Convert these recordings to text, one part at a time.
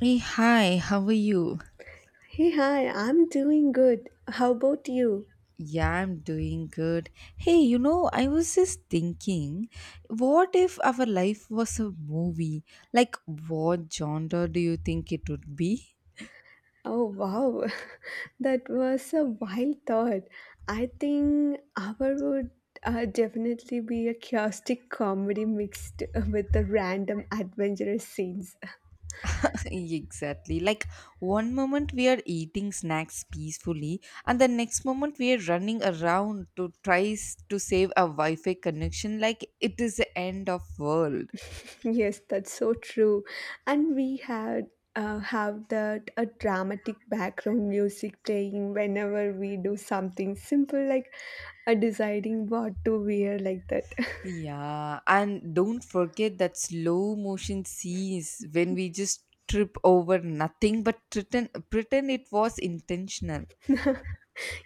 Hey, hi, how are you? Hey, hi, I'm doing good. How about you? Yeah, I'm doing good. Hey, you know, I was just thinking, what if our life was a movie? Like, what genre do you think it would be? Oh, wow. That was a wild thought. I think our would definitely be a chaotic comedy mixed with the random adventurous scenes. exactly. Like, one moment we are eating snacks peacefully, and the next moment we are running around to try to save a Wi Fi connection like it is the end of world. Yes, that's so true. And we had have that a dramatic background music playing whenever we do something simple like deciding what to wear like that. Yeah, and don't forget that slow motion scenes when we just trip over nothing but pretend it was intentional.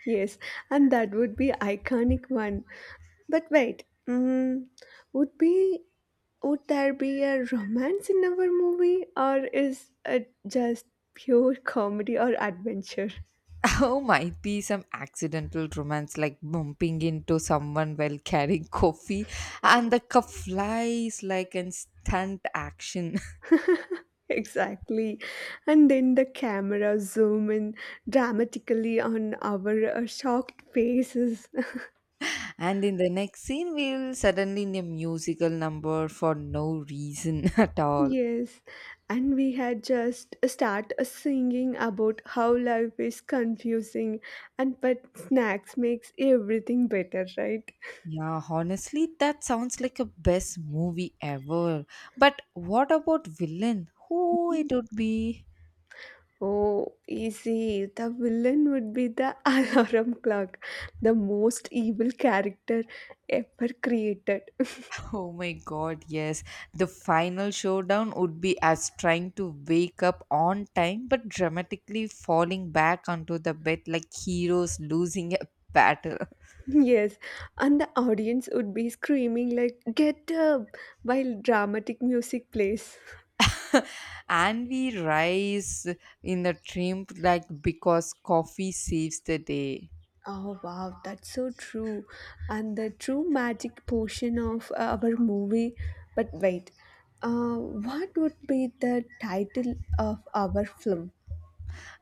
Yes, and that would be iconic one. But wait, would be would there be a romance in our movie, or is it just pure comedy or adventure? Oh, might be some accidental romance like bumping into someone while carrying coffee, and the cup flies like an stunt action. Exactly, and then the camera zoom in dramatically on our shocked faces. And in the next scene, we'll suddenly in a musical number for no reason at all. Yes, and we had just start singing about how life is confusing and but snacks makes everything better, right? Yeah, honestly, that sounds like a best movie ever. But what about villain? Who it would be? Oh, easy. The villain would be the alarm clock, the most evil character ever created. Oh my god, yes. The final showdown would be as trying to wake up on time but dramatically falling back onto the bed like heroes losing a battle. Yes, and the audience would be screaming like "Get up!" while dramatic music plays. and we rise in a triumph like because coffee saves the day. Oh wow, that's so true. And the true magic portion of our movie. But wait, what would be the title of our film?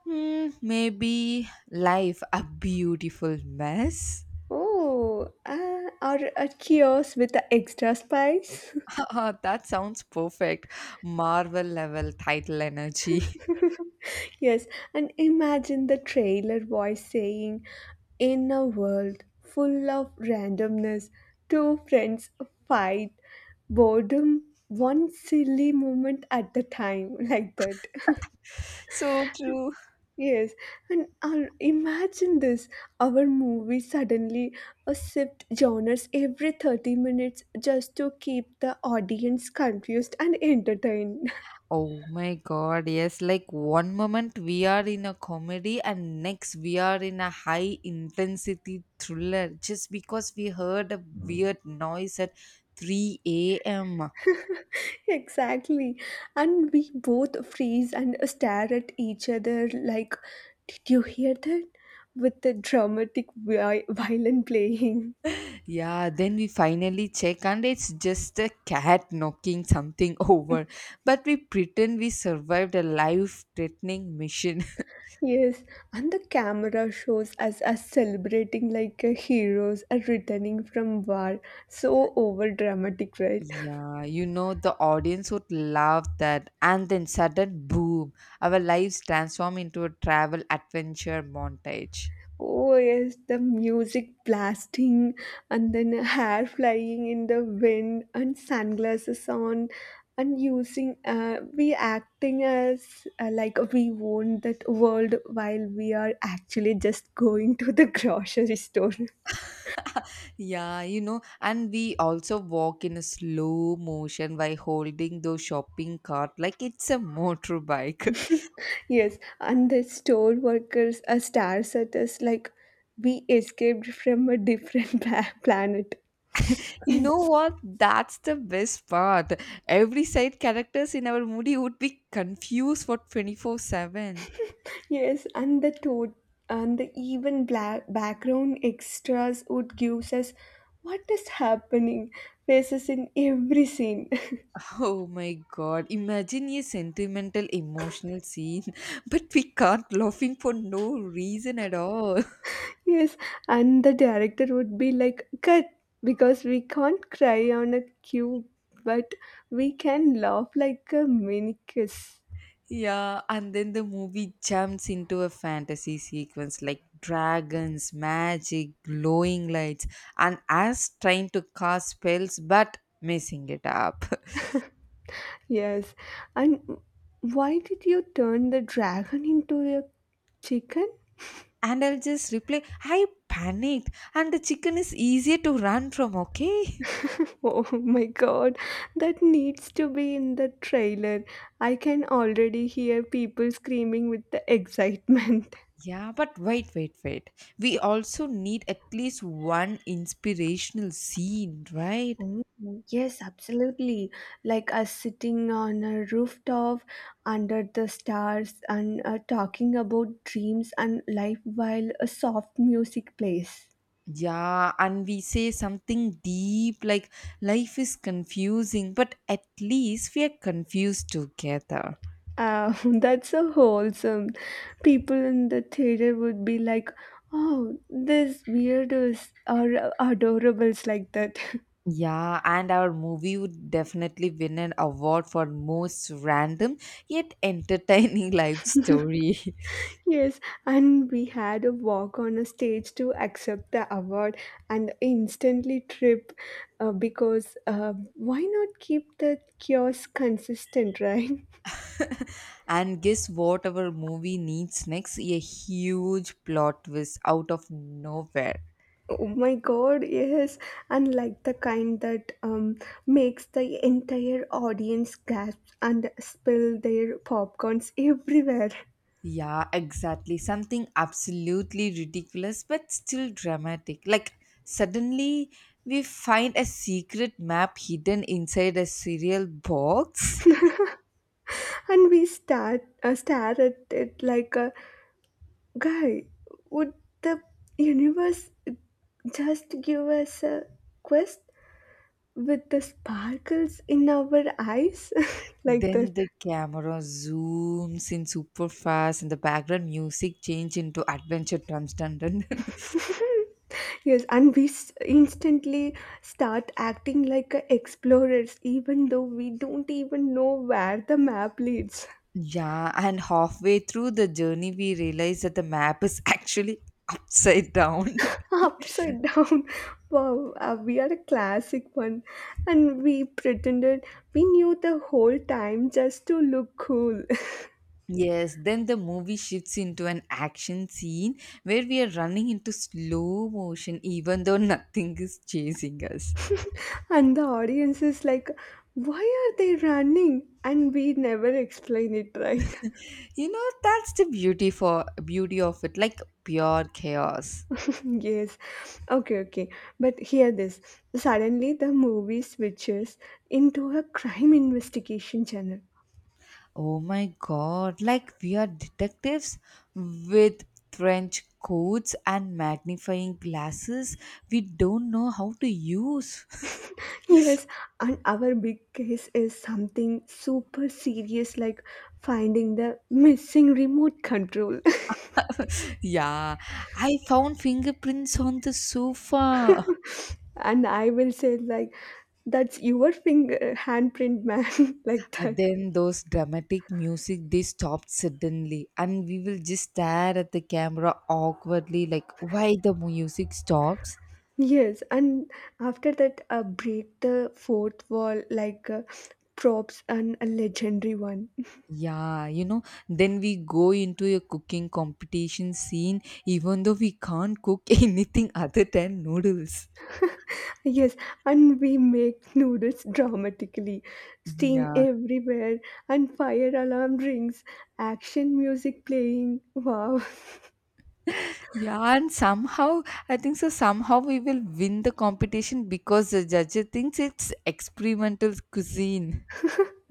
Hmm, maybe life a beautiful mess. Oh, or a kiosk with the extra spice? That sounds perfect. Marvel level title energy. Yes, and imagine the trailer voice saying, in a world full of randomness, two friends fight boredom one silly moment at a time, like that. So true. Yes, and our, imagine this, our movie suddenly shift genres every 30 minutes just to keep the audience confused and entertained. Oh my god, yes. Like one moment we are in a comedy and next we are in a high intensity thriller just because we heard a weird noise at 3 a.m. Exactly. And we both freeze and stare at each other like, did you hear that? With the dramatic violin playing. Yeah, then we finally check and it's just a cat knocking something over. But we pretend we survived a life threatening mission. Yes, and the camera shows us as celebrating like a heroes are returning from war. So over dramatic, right? Yeah, you know, the audience would love that. And then sudden boom, our lives transform into a travel adventure montage. Oh yes, the music blasting and then hair flying in the wind and sunglasses on and using we acting as like we own that world while we are actually just going to the grocery store. Yeah, you know, and we also walk in a slow motion by holding those shopping cart like it's a motorbike. Yes, and the store workers are stars at us like we escaped from a different planet. you know what? That's the best part. Every side characters in our movie would be confused for 24/7. Yes, and the and the even black background extras would give us what is happening faces in every scene. Oh my god, imagine a sentimental emotional scene, but we can't laughing for no reason at all. Yes, and the director would be like, "Cut," because we can't cry on a cue, but we can laugh like a minicus. Yeah, and then the movie jumps into a fantasy sequence like dragons, magic, glowing lights, and us trying to cast spells but messing it up. Yes, and why did you turn the dragon into a chicken? And I'll just reply, I panicked, and the chicken is easier to run from, okay? Oh my god, that needs to be in the trailer. I can already hear people screaming with the excitement. Yeah, but wait, wait, wait. We also need at least one inspirational scene, right? Oh, yes, absolutely. Like us sitting on a rooftop under the stars and talking about dreams and life while a soft music plays. Yeah, and we say something deep like life is confusing, but at least we are confused together. Ah, that's so wholesome. People in the theater would be like, oh, these weirdos are adorables like that. Yeah, and our movie would definitely win an award for most random yet entertaining life story. Yes, and we had a walk on a stage to accept the award and instantly trip because why not keep the kiosk consistent, right? and guess what our movie needs next? A huge plot twist out of nowhere. Oh my god, yes, and like the kind that makes the entire audience gasp and spill their popcorns everywhere. Yeah, exactly. Something absolutely ridiculous but still dramatic. Like, suddenly we find a secret map hidden inside a cereal box. And we start stare at it like, guy, would the universe just give us a quest with the sparkles in our eyes? Like that. Then the camera zooms in super fast and the background music change into adventure drums. Dun, dun, dun. Yes, and we instantly start acting like a explorers, even though we don't even know where the map leads. Yeah, and halfway through the journey, we realize that the map is actually upside down. Upside down. Wow, we are a classic one. And we pretended we knew the whole time just to look cool. Yes, then the movie shifts into an action scene where we are running into slow motion even though nothing is chasing us. And the audience is like, why are they running? And we never explain it, right? You know, that's the beauty for beauty of it, like pure chaos. Yes, okay, okay, but hear this, suddenly the movie switches into a crime investigation channel. Oh my god, like we are detectives with trench coats and magnifying glasses we don't know how to use. Yes, and our big case is something super serious like finding the missing remote control. yeah, I found fingerprints on the sofa. And I will say like, that's your finger handprint, man. Like And that. then those dramatic music they stopped suddenly and we will just stare at the camera awkwardly like why the music stops. Yes, and after that, break the fourth wall like props and a legendary one. Yeah, you know, then we go into a cooking competition scene even though we can't cook anything other than noodles. Yes, and we make noodles dramatically, steam Yeah, everywhere, and fire alarm rings, action music playing. Wow. yeah, and somehow, I think so, somehow we will win the competition because the judge thinks it's experimental cuisine.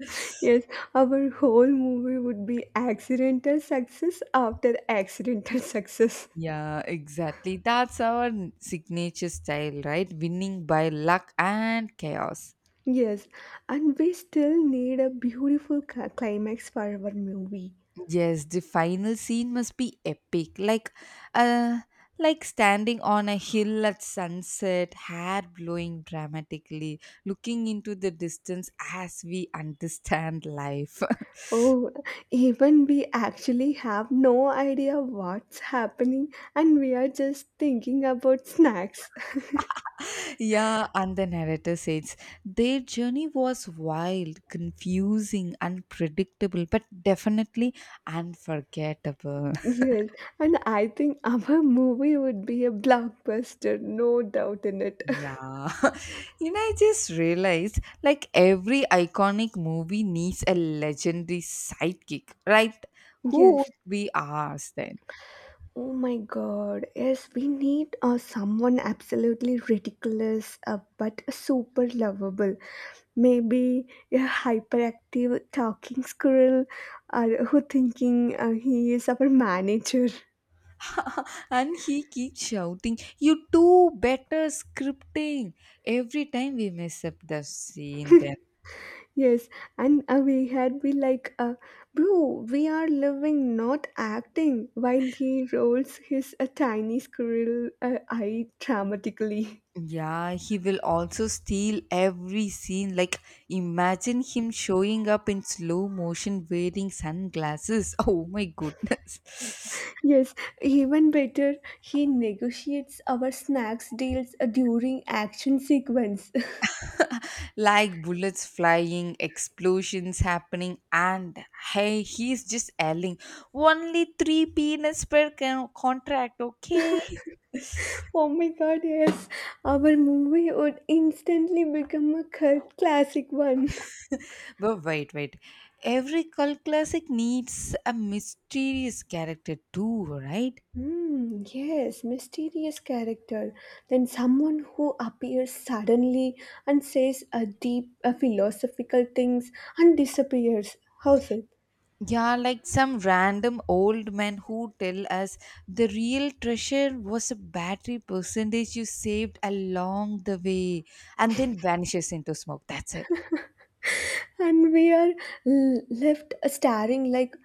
Yes, our whole movie would be accidental success after accidental success. Yeah, exactly. That's our signature style, right? Winning by luck and chaos. Yes, and we still need a beautiful climax for our movie. Yes, the final scene must be epic. Uh like standing on a hill at sunset, hair blowing dramatically, looking into the distance as we understand life. Oh, even we actually have no idea what's happening, and we are just thinking about snacks. yeah, and the narrator says their journey was wild, confusing, unpredictable, but definitely unforgettable. Yes, and I think our movie would be a blockbuster, no doubt in it. Yeah. You know, I just realized like every iconic movie needs a legendary sidekick, right? Who Yes. would be ours then? Oh my God. Yes, we need someone absolutely ridiculous but super lovable. Maybe a hyperactive talking squirrel who thinking he is our manager. and he keeps shouting, "You do better scripting" every time we mess up the scene then. Yes, and we had been like, bro, we are living, not acting, while he rolls his tiny squirrel eye dramatically. Yeah, he will also steal every scene. Like, imagine him showing up in slow motion wearing sunglasses. Oh my goodness. Yes, even better, he negotiates our snacks deals during action sequence. like bullets flying, explosions happening, and hey, he's just yelling, only three peanuts per contract, okay? Oh my god, yes, our movie would instantly become a cult classic one. But wait, wait. Every cult classic needs a mysterious character too, right? Hmm, yes, mysterious character. Then someone who appears suddenly and says a deep a philosophical things and disappears. How's it? Yeah, like some random old man who tell us the real treasure was a battery percentage you saved along the way and then vanishes into smoke. That's it. And we are left staring like,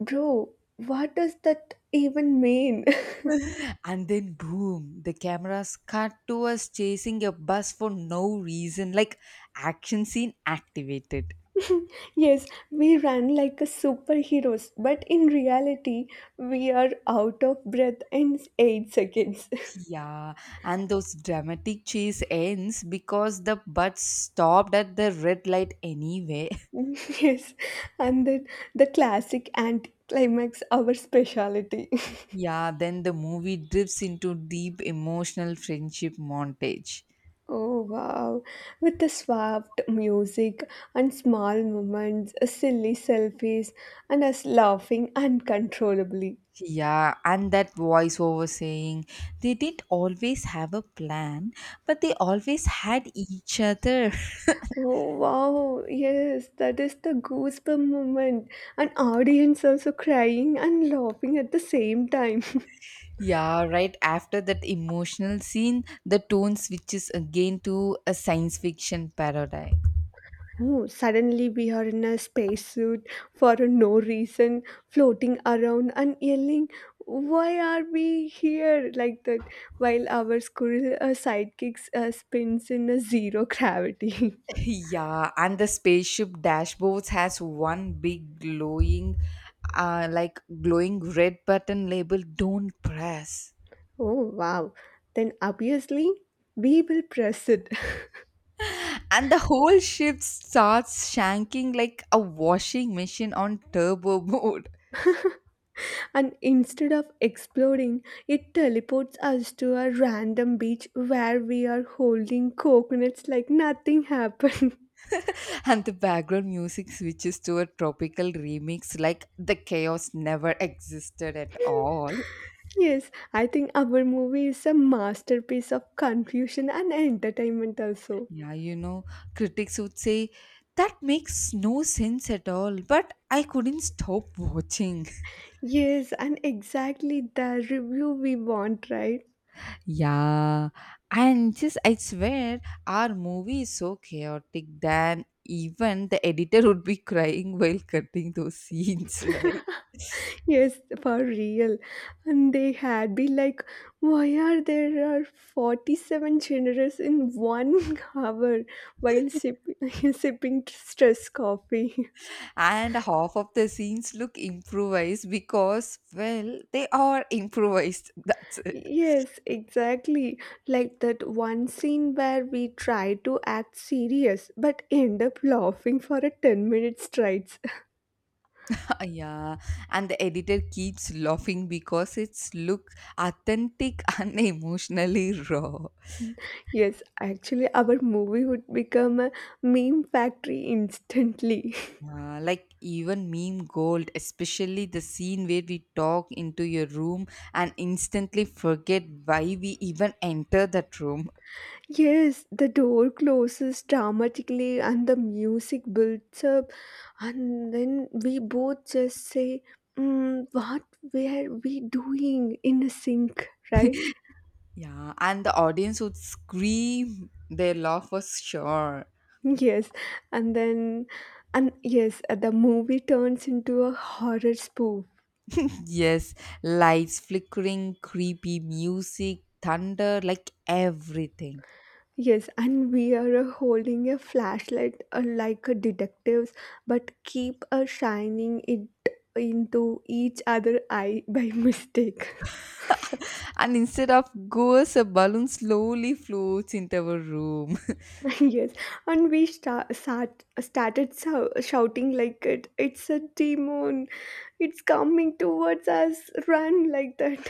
bro, what does that even mean? And then boom, the cameras cut to us chasing a bus for no reason, like action scene activated. Yes, we run like a superheroes, but in reality, we are out of breath in 8 seconds. Yeah, and those dramatic chase ends because the bus stopped at the red light anyway. Yes, and then the classic anticlimax, our speciality. Yeah, then the movie drifts into deep emotional friendship montage. Oh wow, with the swapped music and small moments, silly selfies, and us laughing uncontrollably. Yeah, and that voiceover saying they didn't always have a plan, but they always had each other. Oh wow, yes, that is the goosebump moment. An audience also crying and laughing at the same time. Yeah, right after that emotional scene, the tone switches again to a science fiction parody. Oh, suddenly we are in a spacesuit for no reason, floating around and yelling, why are we here? Like that, while our squirrel sidekicks spins in a zero gravity. Yeah, and the spaceship dashboards has one big glowing, like glowing red button labeled "Don't press," Oh, wow. Then obviously, we will press it. and the whole ship starts shanking like a washing machine on turbo mode. And instead of exploding, it teleports us to a random beach where we are holding coconuts like nothing happened. And the background music switches to a tropical remix, like the chaos never existed at all. Yes, I think our movie is a masterpiece of confusion and entertainment also. Yeah, you know, critics would say that makes no sense at all, but I couldn't stop watching. Yes, and exactly the review we want, right? Yeah, and just I swear our movie is so chaotic that even the editor would be crying while cutting those scenes, right? Yes, for real. And they had be like, why are there are 47 generous in one hour while sipping stress coffee? And half of the scenes look improvised because, well, they are improvised. That's it. Yes, exactly. Like that one scene where we try to act serious but end up laughing for a 10-minute straight. Yeah, and the editor keeps laughing because it's look authentic and emotionally raw. Yes, actually, our movie would become a meme factory instantly. Yeah, like even meme gold, especially the scene where we talk into your room and instantly forget why we even enter that room. Yes, the door closes dramatically and the music builds up, and then we both just say, what were we doing in a sink, right? Yeah, and the audience would scream their laugh was sure. Yes, and then, and yes, the movie turns into a horror spoof. Yes, lights flickering, creepy music, thunder, like everything. Yes, and we are holding a flashlight like a detectives, but keep shining it into each other eye by mistake. And instead of goes, a balloon slowly floats into our room. Yes, and we started so shouting like, it. It's a demon. It's coming towards us. Run like that.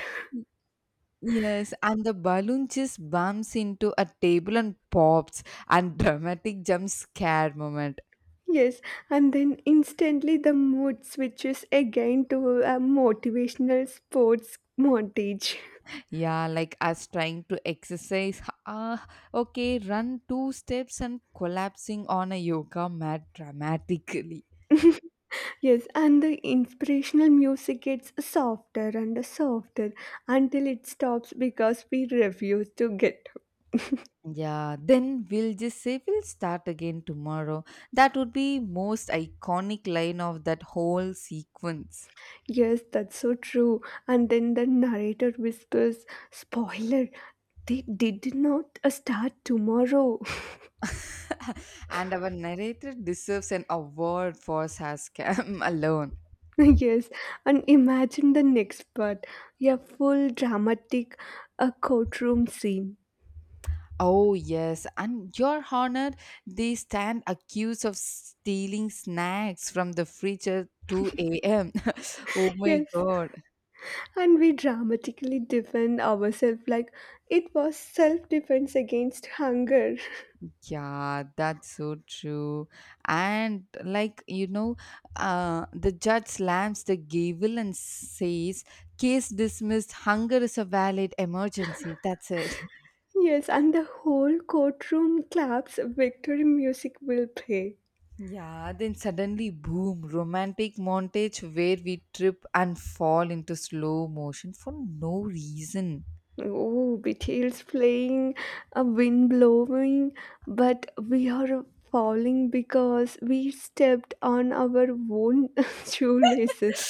Yes, and the balloon just bumps into a table and pops, and dramatic jump scare moment. Yes, and then instantly the mood switches again to a motivational sports montage. Yeah, like us trying to exercise. Ah, okay, run two steps and collapsing on a yoga mat dramatically. Yes, and the inspirational music gets softer and softer until it stops because we refuse to get up. Yeah, then we'll just say we'll start again tomorrow. That would be most iconic line of that whole sequence. Yes, that's so true. And then the narrator whispers, spoiler, they did not start tomorrow. and our narrator deserves an award for her scam alone. Yes, and imagine the next part, a full dramatic a courtroom scene. Oh, yes, and your honor, they stand accused of stealing snacks from the fridge at 2 a.m. oh my Yes, god. and we dramatically defend ourselves like it was self defense against hunger. Yeah, that's so true. And, like, you know, the judge slams the gavel and says, "Case dismissed, hunger is a valid emergency." That's it. Yes, and the whole courtroom claps, victory music will play. Yeah, then suddenly, boom, romantic montage where we trip and fall into slow motion for no reason. Oh, betrayals playing, a wind blowing, but we are falling because we stepped on our own shoelaces.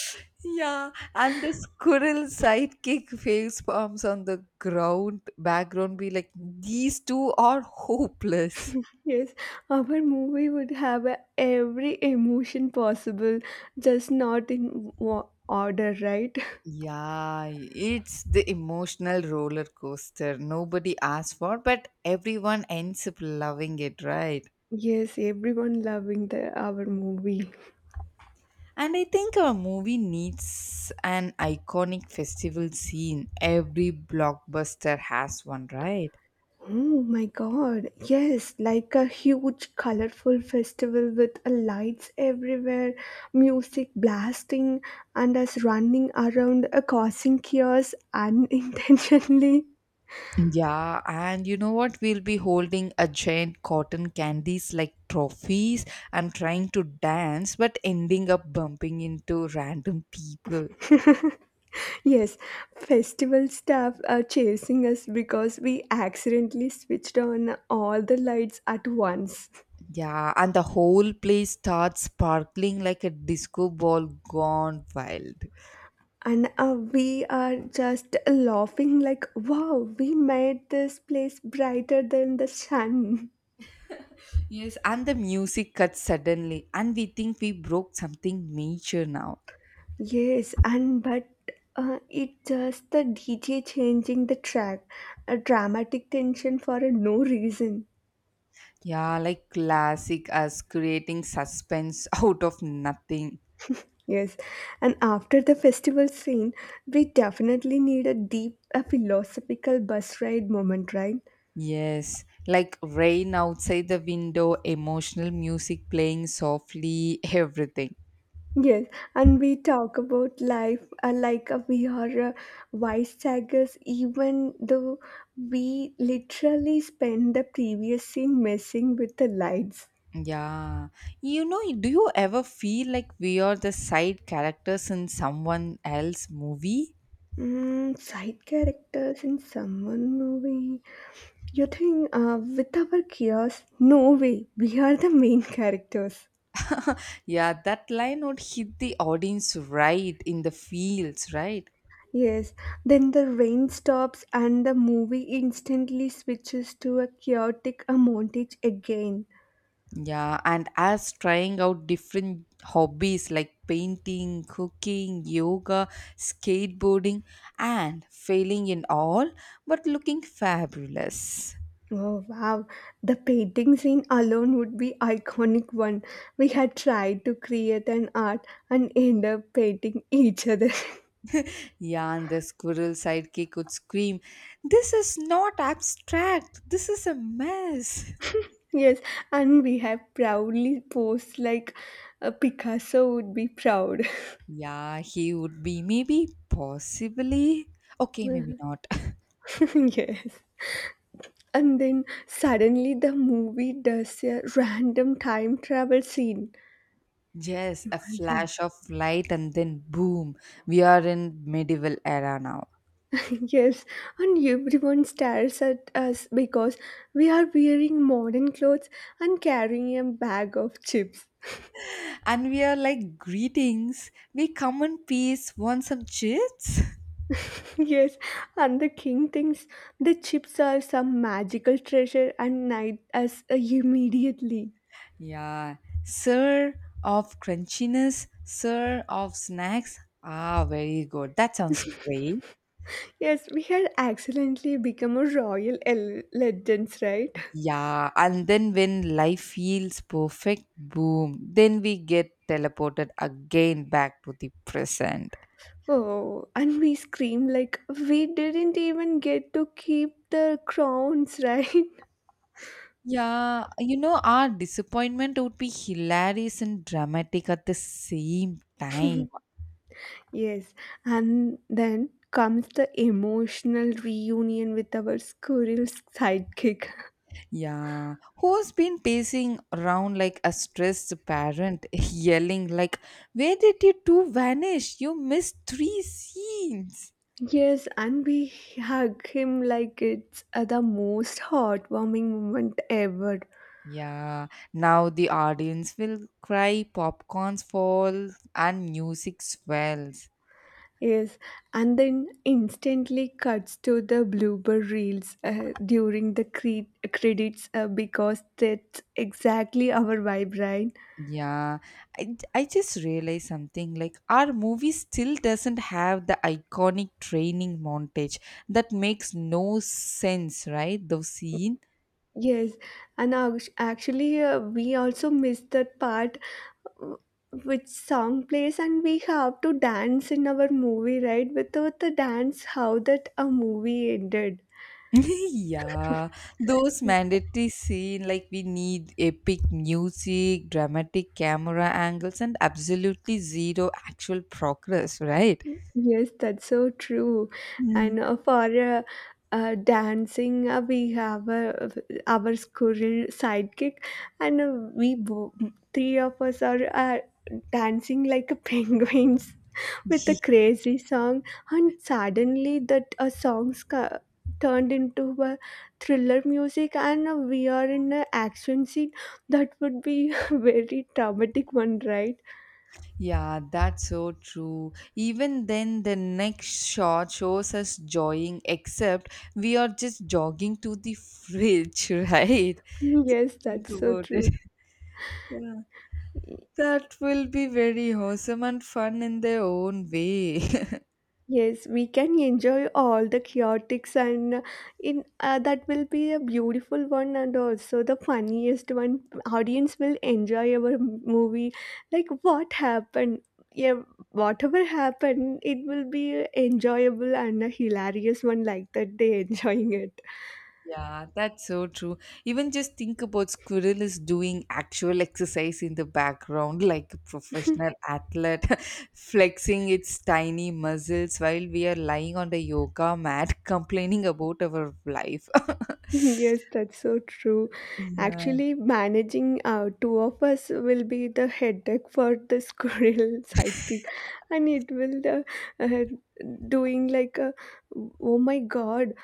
Yeah, and the squirrel sidekick face palms on the ground background be like, these two are hopeless. Yes, our movie would have every emotion possible, just not in order, right? Yeah, it's the emotional roller coaster nobody asked for, but everyone ends up loving it, right? Yes, everyone loving the our movie. And I think a movie needs an iconic festival scene. Every blockbuster has one, right? Oh my god. Yes, like a huge colorful festival with lights everywhere, music blasting and us running around causing chaos unintentionally. Yeah, and you know what? We'll be holding a giant cotton candies like trophies and trying to dance, but ending up bumping into random people. Yes, festival staff are chasing us because we accidentally switched on all the lights at once. Yeah, and the whole place starts sparkling like a disco ball gone wild. And we are just laughing like, wow, we made this place brighter than the sun. Yes, and the music cuts suddenly, and we think we broke something major now. Yes, and but it's just the DJ changing the track, a dramatic tension for a no reason. Yeah, like classic as creating suspense out of nothing. Yes, and after the festival scene, we definitely need a deep, a philosophical bus ride moment, right? Yes, like rain outside the window, emotional music playing softly, everything. Yes, and we talk about life like we are wisecrackers, even though we literally spend the previous scene messing with the lights. Yeah. You know, do you ever feel like we are the side characters in someone else's movie? Mm, side characters in someone movie. You think with our chaos? No way, we are the main characters. Yeah, that line would hit the audience right in the feels, right? Yes, then the rain stops and the movie instantly switches to a chaotic montage again. Yeah, and as trying out different hobbies like painting, cooking, yoga, skateboarding, and failing in all but looking fabulous. Oh wow, the painting scene alone would be iconic one. We had tried to create an art and end up painting each other. Yeah, and the squirrel sidekick would scream, "This is not abstract, this is a mess." Yes, and we have proudly posed like a Picasso would be proud. Yeah, he would be maybe, possibly. Okay, maybe not. Yes. And then suddenly the movie does a random time travel scene. Yes, a Imagine. flash of light, and then boom, we are in medieval era now. Yes, and everyone stares at us because we are wearing modern clothes and carrying a bag of chips. And we are like, greetings, we come in peace, want some chips? Yes, and the king thinks the chips are some magical treasure and knight us immediately. yeah, sir of crunchiness, sir of snacks, ah, very good, that sounds great. Yes, we had accidentally become a royal legends, right? Yeah, and then when life feels perfect, boom, then we get teleported again back to the present. Oh, and we scream like we didn't even get to keep the crowns, right? Yeah, you know, our disappointment would be hilarious and dramatic at the same time. Yes, and then comes the emotional reunion with our squirrel sidekick. Yeah, who's been pacing around like a stressed parent, yelling like, "Where did you two vanish? You missed three scenes." Yes, and we hug him like it's the most heartwarming moment ever. Yeah, now the audience will cry, popcorns fall, and music swells. Yes, and then instantly cuts to the blooper reels during the credits because that's exactly our vibe, right? Yeah, I just realized something like our movie still doesn't have the iconic training montage that makes no sense, right? Those scene. Yes, and actually, we also missed that part, which song plays and we have to dance in our movie, right? Without the dance, how that a movie ended? yeah, those mandatory scene like we need epic music, dramatic camera angles, and absolutely zero actual progress, right? Yes, that's so true. Mm. And for dancing we have our squirrel sidekick and we three of us are dancing like a penguins with a crazy song, and suddenly that a song's ca- turned into a thriller music, and we are in an action scene. That would be very traumatic one, right? Yeah, that's so true. Even then, the next shot shows us jogging, except we are just jogging to the fridge, right? Yes, Think that's so about true. it. Yeah. That will be very awesome and fun in their own way. Yes, we can enjoy all the chaotics and in that will be a beautiful one and also the funniest one. Audience will enjoy our movie. Like what happened? Yeah, whatever happened, it will be enjoyable and a hilarious one like that. They enjoying it. Yeah, that's so true. Even just think about squirrel is doing actual exercise in the background, like a professional athlete, flexing its tiny muscles while we are lying on the yoga mat complaining about our life. Yes, that's so true. Yeah, Actually, managing two of us will be the headache for the squirrel sidekick, and it will the doing like a, oh my god,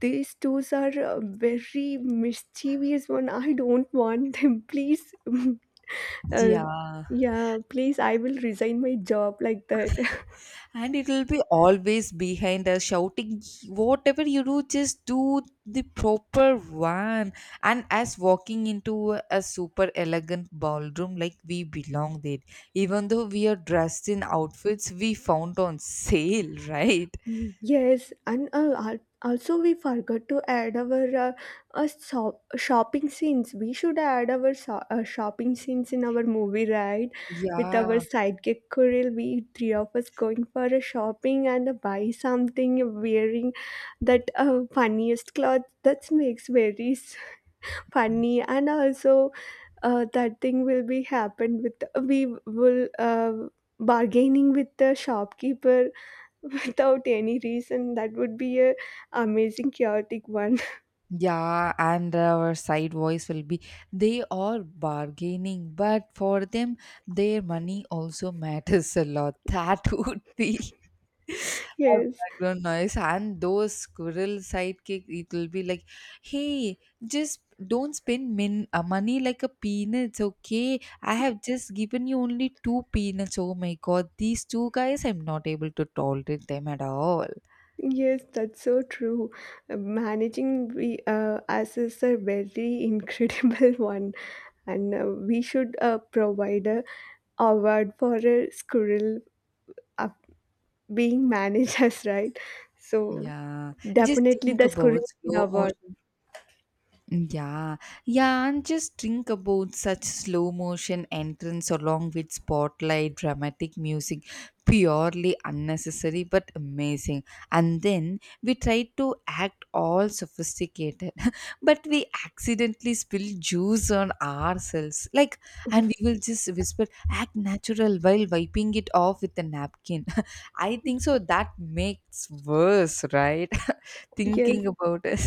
these two are very mischievous one. I don't want them. Please, uh, yeah. yeah, please, I will resign my job like that. And it will be always behind us shouting, "Whatever you do, just do the proper one," and as walking into a super elegant ballroom like we belong there even though we are dressed in outfits we found on sale, right? Mm, yes, and also we forgot to add our shopping scenes. We should add our shopping scenes in our movie, right? With our Yeah, sidekick Kuril, we three of us going for a shopping and buy something, wearing that funniest cloth. That makes very funny, and also that thing will be happened with we will bargaining with the shopkeeper without any reason. That would be a amazing chaotic one. yeah, and our side voice will be, they are bargaining but for them their money also matters a lot. That would be a Yes, background noise, and those squirrel sidekick it'll be like, hey, just don't spend min money like a peanuts, okay? I have just given you only two peanuts. Oh my god, these two guys, I'm not able to tolerate them at all. yes, that's so true. Managing we us is a very incredible one, and we should provide a award for a squirrel uh, being managed as, right? So Yeah, just definitely think the about squirrel slow award, motion. Yeah, yeah, and just think about such slow motion entrance along with spotlight, dramatic music, purely unnecessary but amazing. And then we try to act all sophisticated, but we accidentally spill juice on ourselves. Like, and we will just whisper, act natural while wiping it off with a napkin. I think so. That makes worse, right? yes. Thinking about it.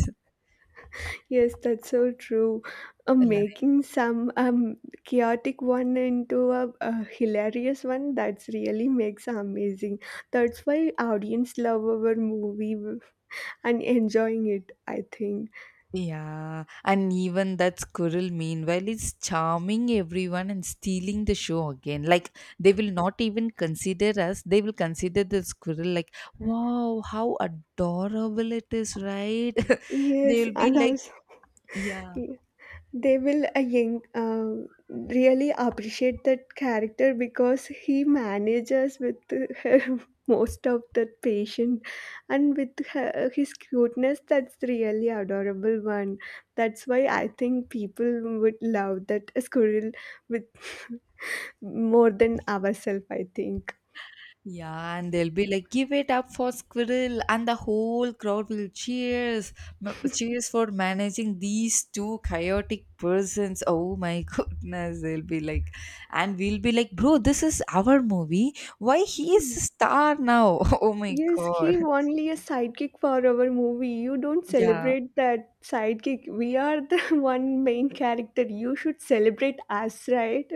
Yes, that's so true. Making some chaotic one into a hilarious one, that's really makes amazing. That's why audience love our movie and enjoying it, I think. Yeah, and even that squirrel, meanwhile, is charming everyone and stealing the show again. Like, they will not even consider us, they will consider the squirrel, like, wow, how adorable it is, right? They Yes, will be and like, also yeah. they will Ying, really appreciate that character because he manages with her most of the patient and with her, his cuteness, that's really adorable one. That's why I think people would love that squirrel with more than ourselves, I think. Yeah, and they'll be like, "Give it up for Squirrel," and the whole crowd will cheers, cheers for managing these two chaotic persons. Oh my goodness, they'll be like, and we'll be like, "Bro, this is our movie. Why he is a star now?" Oh my Yes, he god. only a sidekick for our movie. You don't Yeah. celebrate that sidekick. We are the one main character. You should celebrate us, right?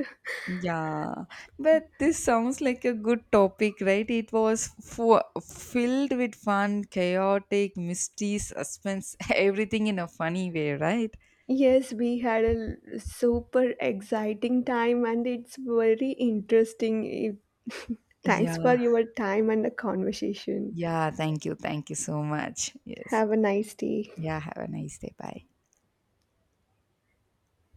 Yeah, but this sounds like a good topic, right? It was for, filled with fun, chaotic, mystery, suspense, everything in a funny way, right? Yes, we had a super exciting time and it's very interesting. Yeah. Thanks for your time and the conversation. Yeah, thank you. Thank you so much. Yes. Have a nice day. Yeah, have a nice day. Bye.